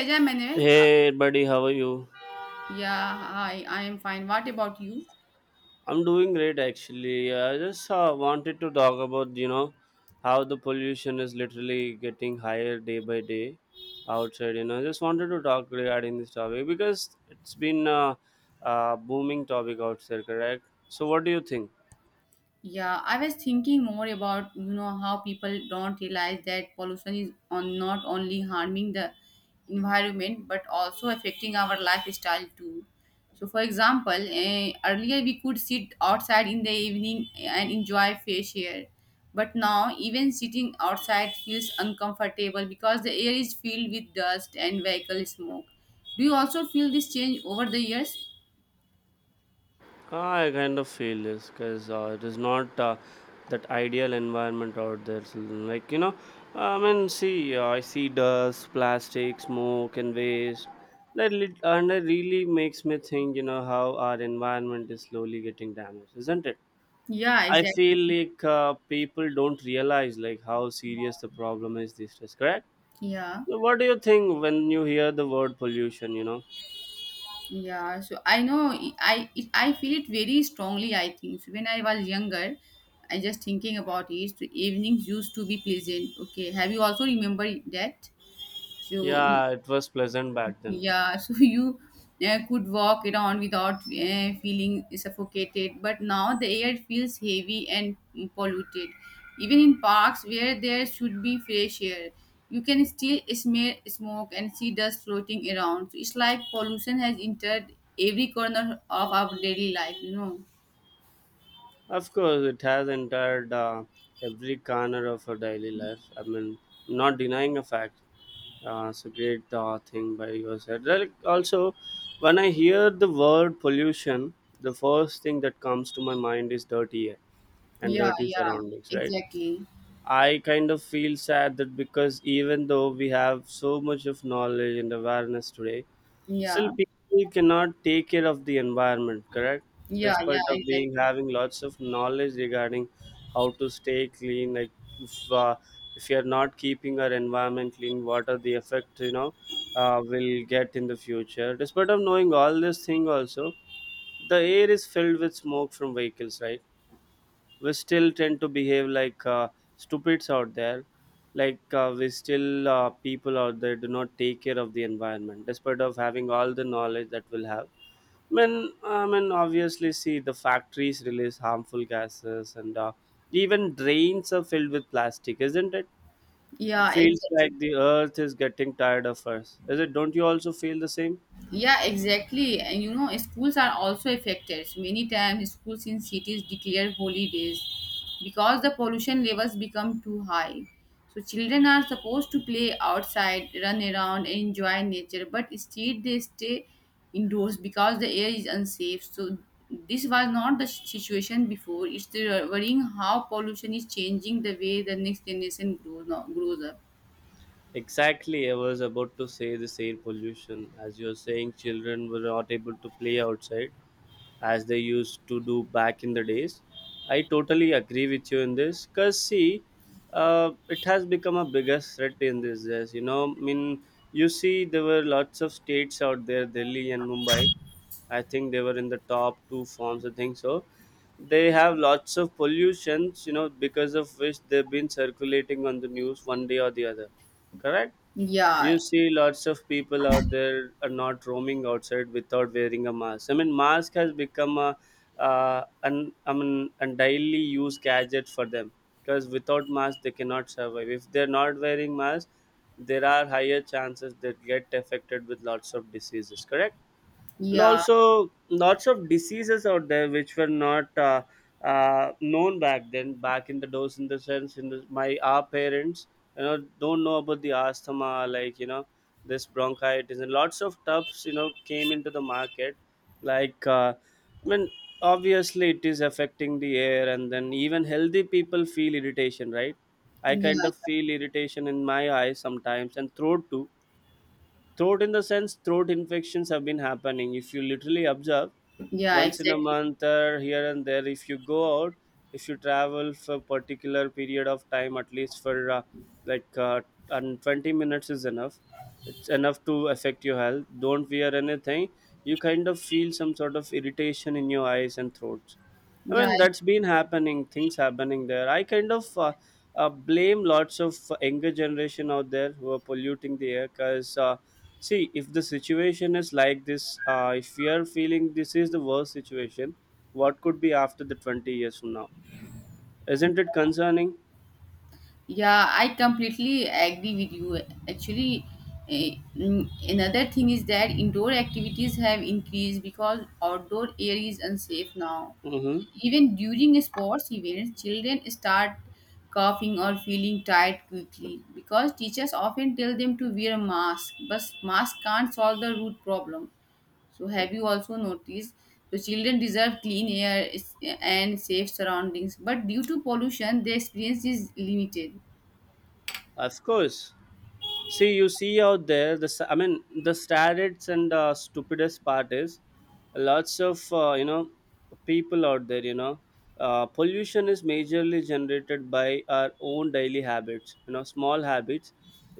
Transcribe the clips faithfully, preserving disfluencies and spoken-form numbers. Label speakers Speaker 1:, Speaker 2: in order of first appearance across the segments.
Speaker 1: Benjamin.
Speaker 2: Hey buddy, how are you?
Speaker 1: Yeah, hi, I am fine. What about you?
Speaker 2: I'm doing great actually. Yeah, I just uh, wanted to talk about you know how the pollution is literally getting higher day by day outside. You know, I just wanted to talk regarding this topic because it's been a, a booming topic outside, correct? So, what do you think?
Speaker 1: Yeah, I was thinking more about, you know, how people don't realize that pollution is on not only harming the environment but also affecting our lifestyle too. So, for example, eh, earlier we could sit outside in the evening and enjoy fresh air. But now, even sitting outside feels uncomfortable because the air is filled with dust and vehicle smoke. Do you also feel this change over the years?
Speaker 2: Ah, I kind of feel this because uh, it is not uh, that ideal environment out there. So, like you know, I mean, see, uh, I see dust, plastic, smoke, and waste. That lit- and it really makes me think, you know, how our environment is slowly getting damaged, isn't it?
Speaker 1: Yeah,
Speaker 2: I
Speaker 1: exactly.
Speaker 2: feel like uh, people don't realize like how serious the problem is these days. Correct?
Speaker 1: Yeah,
Speaker 2: So what do you think when you hear the word pollution? You know?
Speaker 1: yeah. So I know I I it, I feel it very strongly. I think so when I was younger, I just thinking about it. So evenings used to be pleasant. Okay, have you also remember that? So
Speaker 2: Yeah, it was pleasant back then.
Speaker 1: yeah, so you uh, could walk around without uh, feeling suffocated, but now the air feels heavy and polluted. Even in parks where there should be fresh air, you can still smell smoke and see dust floating around. So it's like pollution has entered every corner of our daily life, you know.
Speaker 2: Of course, it has entered uh, every corner of our daily life. I mean, not denying a fact. Uh, it's a great uh, thing by your side. Like, also, when I hear the word pollution, the first thing that comes to my mind is dirty air and
Speaker 1: Yeah,
Speaker 2: dirty
Speaker 1: yeah,
Speaker 2: surroundings, right?
Speaker 1: exactly.
Speaker 2: I kind of feel sad that because even though we have so much of knowledge and awareness today, still,
Speaker 1: Yeah,
Speaker 2: people cannot take care of the environment, correct?
Speaker 1: yeah, yeah,
Speaker 2: Despite of
Speaker 1: exactly.
Speaker 2: being having lots of knowledge regarding how to stay clean, like if uh, if you are not keeping our environment clean, what are the effects you know uh, will get in the future? Despite of knowing all this thing, also the air is filled with smoke from vehicles, right? We still tend to behave like uh, stupids out there like uh, we still uh, people out there do not take care of the environment despite of having all the knowledge that we'll have. I mean, I mean obviously see the factories release harmful gases and uh, even drains are filled with plastic, isn't it? It
Speaker 1: Yeah,
Speaker 2: feels
Speaker 1: exactly.
Speaker 2: like the earth is getting tired of us, is it? Don't you also feel the same?
Speaker 1: Yeah, exactly. And you know, schools are also affected. Many times, schools in cities declare holidays because the pollution levels become too high. So, children are supposed to play outside, run around, and enjoy nature, but instead they stay indoors because the air is unsafe. So, this was not the situation before. It's the worrying how pollution is changing the way the next generation grows, now, grows up.
Speaker 2: Exactly, I was about to say this air pollution. As you're saying, children were not able to play outside as they used to do back in the days. I totally agree with you in this because, see, uh, it has become a biggest threat in these days. You know, I mean, you see, there were lots of states out there, Delhi and Mumbai. I think they were in the top two forms, I think so. They have lots of pollutions, you know, because of which they've been circulating on the news one day or the other. Correct?
Speaker 1: Yeah,
Speaker 2: You see, lots of people out there are not roaming outside without wearing a mask. I mean, mask has become a uh, an I mean, a daily use gadget for them because without mask they cannot survive. If they're not wearing mask, there are higher chances that get affected with lots of diseases. Correct? And
Speaker 1: yeah,
Speaker 2: also lots of diseases out there which were not uh, uh, known back then, back in the dose, in the sense, in the, my our parents you know don't know about the asthma, like you know, this bronchitis and lots of tubs, you know, came into the market like uh, I mean obviously it is affecting the air, and then even healthy people feel irritation, right? I
Speaker 1: yeah,
Speaker 2: kind of
Speaker 1: yeah,
Speaker 2: feel irritation in my eyes sometimes and throat too. Throat, in the sense throat infections have been happening if you literally observe
Speaker 1: yeah,
Speaker 2: once in a
Speaker 1: exactly.
Speaker 2: month or here and there. If you go out, if you travel for a particular period of time, at least for uh, like uh, and 20 minutes is enough. It's enough to affect your health. Don't wear anything, you kind of feel some sort of irritation in your eyes and throats. I
Speaker 1: Yeah,
Speaker 2: mean, that's been happening, things happening there. I kind of uh, uh, blame lots of younger generation out there who are polluting the air because, uh, see, if the situation is like this, uh, if we are feeling this is the worst situation, what could be after the 20 years from now? Isn't it concerning?
Speaker 1: yeah, I completely agree with you. Actually, eh, mm, another thing is that indoor activities have increased because outdoor air is unsafe now.
Speaker 2: Mm-hmm.
Speaker 1: Even during sports events, children start coughing or feeling tired quickly because teachers often tell them to wear a mask, but mask can't solve the root problem. So, have you also noticed? So, children deserve clean air is- and safe surroundings, but due to pollution, their experience is limited.
Speaker 2: Of course. See, you see out there the s- I mean the saddest and uh, stupidest part is lots of uh, you know people out there, you know, uh, pollution is majorly generated by our own daily habits, you know, small habits.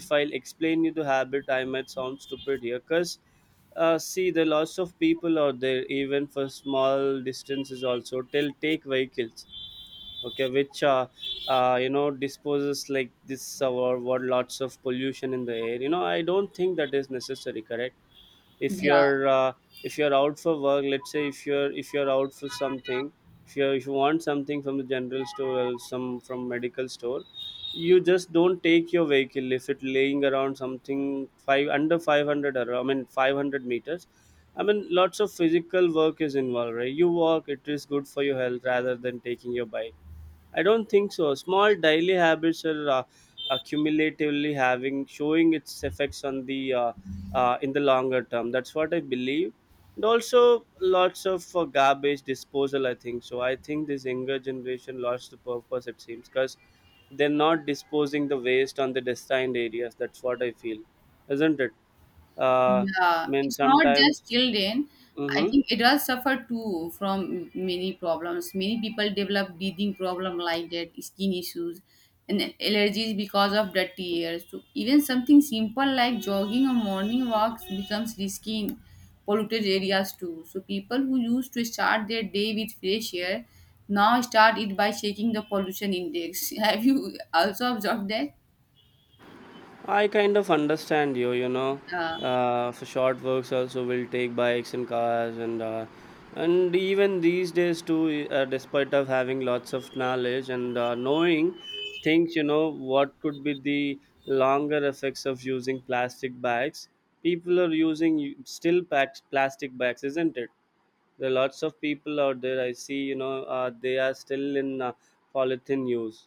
Speaker 2: If I'll explain you the habit, I might sound stupid here because uh, see, the lots of people out there even for small distances also they'll take vehicles, okay, which uh, uh, you know disposes like this uh, wor- wor- lots of pollution in the air, you know. I don't think that is necessary, correct? If
Speaker 1: Yeah,
Speaker 2: you're uh, if you're out for work, let's say if you're if you're out for something, if you if you want something from the general store or some from medical store, you just don't take your vehicle if it laying around something five under five hundred or I mean 500 meters. I mean, lots of physical work is involved, right? You walk, it is good for your health rather than taking your bike. I don't think so. Small daily habits are uh, accumulatively having showing its effects on the uh, uh, in the longer term. That's what I believe. And also lots of uh, garbage disposal. I think so. I think this younger generation lost the purpose. It seems because they're not disposing the waste on the destined areas. That's what I feel, isn't it? Uh,
Speaker 1: yeah.
Speaker 2: I mean
Speaker 1: It's not just
Speaker 2: sometimes.
Speaker 1: children. I
Speaker 2: Mm-hmm.
Speaker 1: think adults suffer too from many problems. Many people develop breathing problem like that, skin issues, and allergies because of dirty air. So even something simple like jogging or morning walks becomes risky in polluted areas too. So people who used to start their day with fresh air now start it by checking the pollution index. Have you also observed that?
Speaker 2: I kind of understand you, you know.
Speaker 1: Yeah.
Speaker 2: Uh, for short works also will take bikes and cars and uh, and even these days too, uh, despite of having lots of knowledge and uh, knowing things, you know what could be the longer effects of using plastic bags. People are using y- still packs, plastic bags, isn't it? There are lots of people out there, I see, you know, uh, they are still in uh, polythene use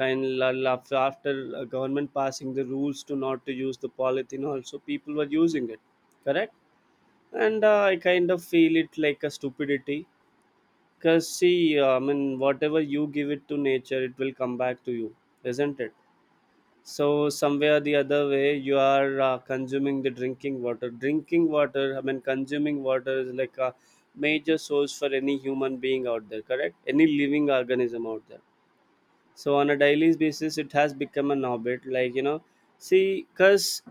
Speaker 2: kind la- la- after uh, government passing the rules to not to use the polythene also people were using it, correct? And uh, I kind of feel it like a stupidity because see, uh, I mean whatever you give it to nature it will come back to you, isn't it? So somewhere the other way you are uh, consuming the drinking water, drinking water I mean, consuming water is like a major source for any human being out there, correct? Any living organism out there. So on a daily basis it has become an habit, like you know, see, because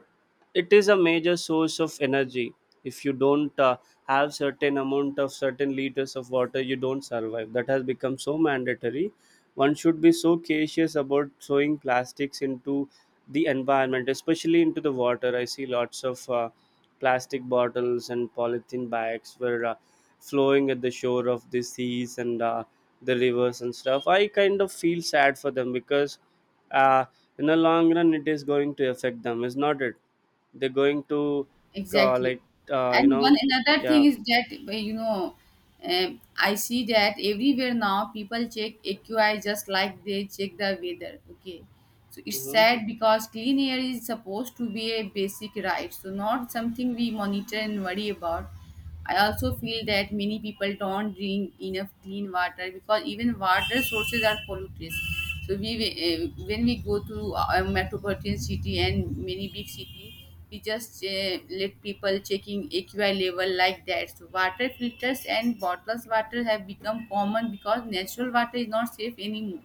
Speaker 2: it is a major source of energy. If you don't uh, have certain amount of certain liters of water, you don't survive. That has become so mandatory. One should be so cautious about throwing plastics into the environment, especially into the water. I see lots of uh, plastic bottles and polythene bags were uh, flowing at the shore of the seas and uh, the rivers and stuff. I kind of feel sad for them because uh, in the long run it is going to affect them, is not it? They're going to uh,
Speaker 1: Exactly.
Speaker 2: like uh, you
Speaker 1: And one
Speaker 2: know.
Speaker 1: another
Speaker 2: Yeah.
Speaker 1: thing is that, uh, you know, um, I see that everywhere now people check A Q I just like they check the weather. Okay. So it's
Speaker 2: Hmm.
Speaker 1: sad because clean air is supposed to be a basic right. So not something we monitor and worry about. I also feel that many people don't drink enough clean water because even water sources are polluted. So we uh, when we go to uh, a metropolitan city and many big city, we just uh, let people checking A Q I level like that. So water filters and bottled water have become common because natural water is not safe anymore.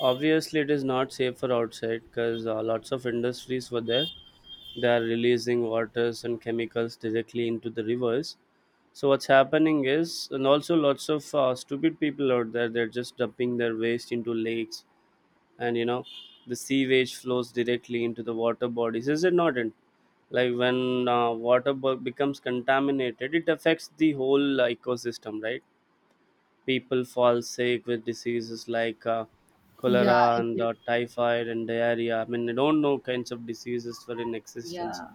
Speaker 2: Obviously it is not safe for outside because uh, lots of industries were there, they are releasing waters and chemicals directly into the rivers. So what's happening is, and also lots of uh, stupid people out there, they're just dumping their waste into lakes and you know the sewage flows directly into the water bodies, is it not in? Like when uh, water bo- becomes contaminated it affects the whole ecosystem, right? People fall sick with diseases like uh,
Speaker 1: Yeah,
Speaker 2: cholera and
Speaker 1: exactly.
Speaker 2: uh, typhoid and diarrhea. I mean, they don't know kinds of diseases were in existence
Speaker 1: Yeah.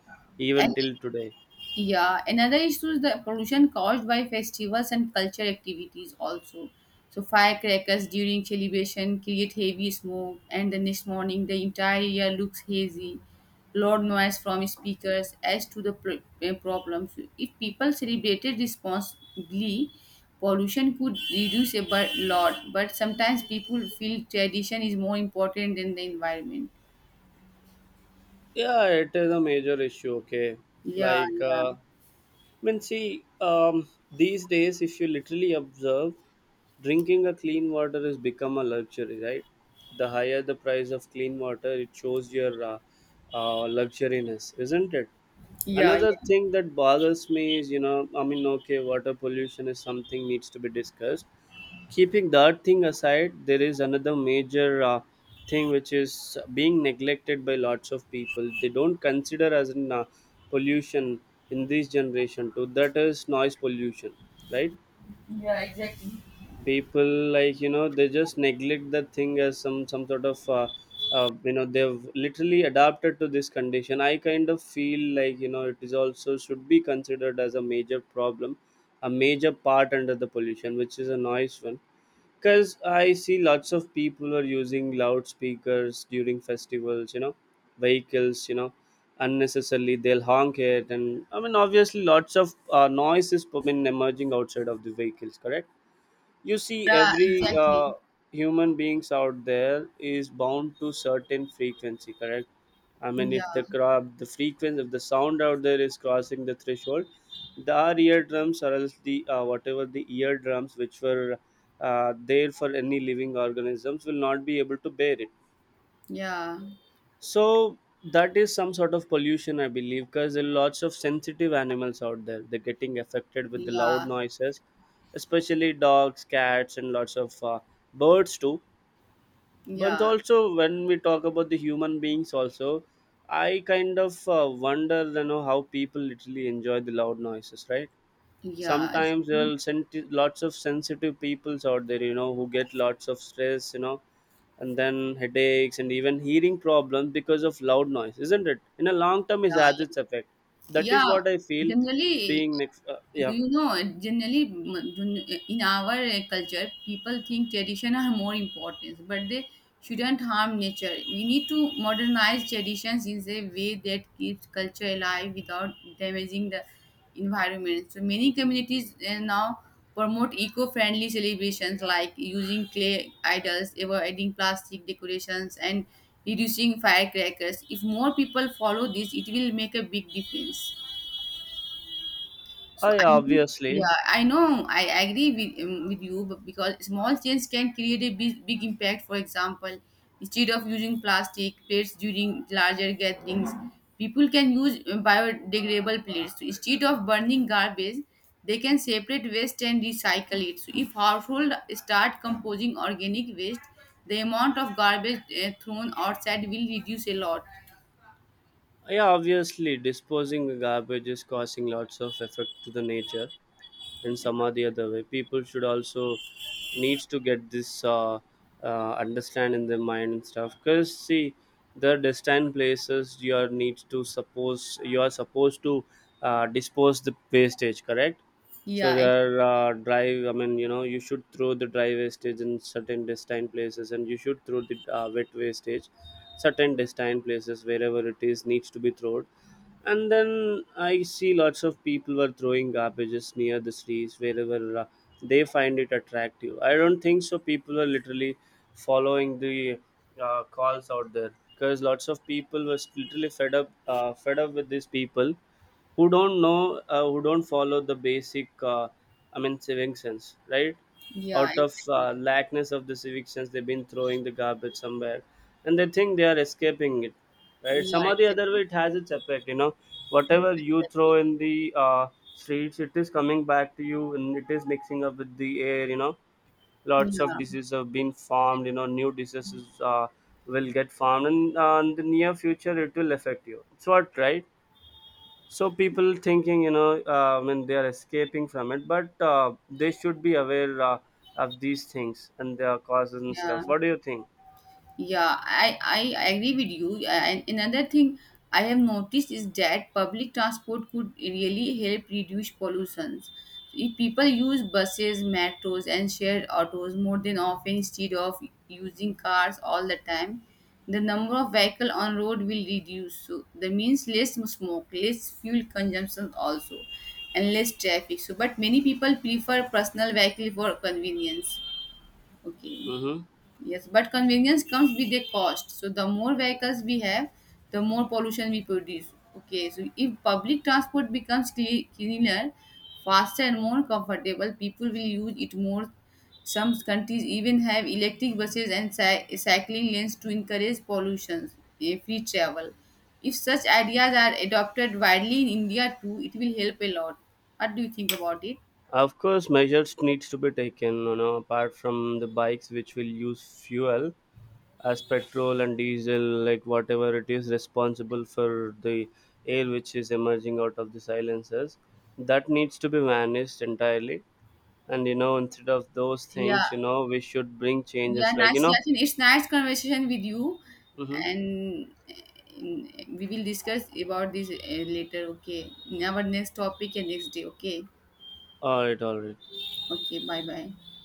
Speaker 2: even
Speaker 1: And
Speaker 2: till today.
Speaker 1: Yeah, another issue is the pollution caused by festivals and cultural activities also. So firecrackers during celebration create heavy smoke, and the next morning the entire area looks hazy. Loud noise from speakers adds to the pro- eh, problems. If people celebrated responsibly, pollution could reduce a bu- lot. But sometimes people feel tradition is more important than the environment.
Speaker 2: Yeah, it is a major issue, okay.
Speaker 1: Yeah,
Speaker 2: Like
Speaker 1: yeah,
Speaker 2: uh, I mean see, um, these days if you literally observe, drinking a clean water has become a luxury, right? The higher the price of clean water, it shows your uh, uh, luxuriness, isn't it?
Speaker 1: yeah,
Speaker 2: Another
Speaker 1: yeah.
Speaker 2: thing that bothers me is you know, I mean, okay, water pollution is something needs to be discussed. Keeping that thing aside, there is another major uh, thing which is being neglected by lots of people. They don't consider as an uh, pollution in this generation too. That is noise pollution, right?
Speaker 1: Yeah, exactly.
Speaker 2: People, like you know, they just neglect that thing as some some sort of uh, uh, you know, they've literally adapted to this condition. I kind of feel like you know it is also should be considered as a major problem, a major part under the pollution, which is a noise one. Because I see lots of people are using loudspeakers during festivals, you know, vehicles, you know, unnecessarily they'll honk it, and I mean obviously lots of uh, noise is been emerging outside of the vehicles, correct? You see,
Speaker 1: Yeah,
Speaker 2: every
Speaker 1: exactly.
Speaker 2: uh, human beings out there is bound to certain frequency, correct? I mean,
Speaker 1: Yeah,
Speaker 2: if the crop the frequency, if the sound out there is crossing the threshold, the our eardrums or else the uh, whatever the eardrums which were uh, there for any living organisms will not be able to bear it.
Speaker 1: yeah,
Speaker 2: So that is some sort of pollution, I believe, because there are lots of sensitive animals out there. They're getting affected with the loud
Speaker 1: yeah,
Speaker 2: noises, especially dogs, cats, and lots of uh, birds too. But
Speaker 1: yeah,
Speaker 2: also, when we talk about the human beings, also, I kind of uh, wonder, you know, how people literally enjoy the loud noises, right?
Speaker 1: yeah. I
Speaker 2: Sometimes there
Speaker 1: think.
Speaker 2: are send lots of sensitive peoples out there, you know, who get lots of stress, you know, and then headaches and even hearing problems because of loud noise, isn't it? In a long term it
Speaker 1: Yeah,
Speaker 2: has
Speaker 1: yeah.
Speaker 2: its effect. That is
Speaker 1: Yeah,
Speaker 2: what I feel. It's
Speaker 1: generally,
Speaker 2: being next uh,
Speaker 1: do
Speaker 2: yeah.
Speaker 1: you know? Generally, m- in our uh, culture, people think tradition are more important, but they shouldn't harm nature. We need to modernize traditions in a way that keeps culture alive without damaging the environment. So many communities uh, now promote eco-friendly celebrations like using clay idols, avoiding plastic decorations, and reducing firecrackers. If more people follow this, it will make a big difference. So
Speaker 2: I
Speaker 1: I know,
Speaker 2: obviously,
Speaker 1: yeah, I know I agree with um, with you, but because small change can create a big, big impact. For example, instead of using plastic plates during larger gatherings, people can use uh, biodegradable plates. So instead of burning garbage, they can separate waste and recycle it. So if household start composing organic waste, the amount of garbage uh, thrown outside will reduce a lot.
Speaker 2: yeah, obviously disposing the garbage is causing lots of effect to the nature. And some or the other way people should also needs to get this uh, uh, understand in their mind and stuff because see, the destined places you are needs to, suppose you are supposed to uh, dispose the wastage, correct? So
Speaker 1: Yeah, ex-
Speaker 2: there are uh, drive I mean you know you should throw the dry wastage in certain destined places, and you should throw the uh, wet wastage certain destined places wherever it is needs to be thrown. And then I see lots of people were throwing garbages near the trees wherever uh, they find it attractive. I don't think so people are literally following the uh, calls out there because lots of people was literally fed up uh, fed up with these people who don't know uh, who don't follow the basic uh, I mean civic sense, right?
Speaker 1: Yeah,
Speaker 2: Out of
Speaker 1: exactly.
Speaker 2: uh, lackness of the civic, they've been throwing the garbage somewhere and they think they are escaping it, right?
Speaker 1: Yeah,
Speaker 2: Some or the other way
Speaker 1: exactly.
Speaker 2: it has its effect, you know,
Speaker 1: Yeah,
Speaker 2: whatever you throw
Speaker 1: exactly.
Speaker 2: in the uh, streets, it is coming back to you and it is mixing up with the air, you know. Lots of
Speaker 1: Yeah,
Speaker 2: diseases have been formed, you know, new diseases uh, will get formed, and uh, in the near future it will affect you, it's what, right? So people thinking, you know, uh, when they are escaping from it, but uh, they should be aware uh, of these things and their causes and
Speaker 1: yeah,
Speaker 2: stuff. What do you think?
Speaker 1: yeah. I I agree with you. And another thing I have noticed is that public transport could really help reduce pollutions. If people use buses, metros, and shared autos more than often instead of using cars all the time, the number of vehicle on road will reduce. So that means less smoke, less fuel consumption also, and less traffic. So, but many people prefer personal vehicle for convenience. Okay.
Speaker 2: Hmm.
Speaker 1: Yes, but convenience comes with a cost. So the more vehicles we have, the more pollution we produce. Okay, so if public transport becomes cle- cleaner, faster and more comfortable, people will use it more. Some countries even have electric buses and cy- cycling lanes to encourage pollution eh, free travel. If such ideas are adopted widely in India too, it will help a lot. What do you think about it?
Speaker 2: Of course measures needs to be taken, you know, apart from the bikes which will use fuel as petrol and diesel, like whatever it is responsible for the air which is emerging out of the silencers, that needs to be managed entirely. And you know instead of those
Speaker 1: Yeah,
Speaker 2: things, you know, we should bring
Speaker 1: yeah,
Speaker 2: changes like you
Speaker 1: nice,
Speaker 2: know.
Speaker 1: Yasin. It's nice conversation with you,
Speaker 2: Hmm.
Speaker 1: and uh, we will discuss about this uh, later. Okay, in our next topic and next day. Okay,
Speaker 2: All right, all right.
Speaker 1: okay. Bye, bye.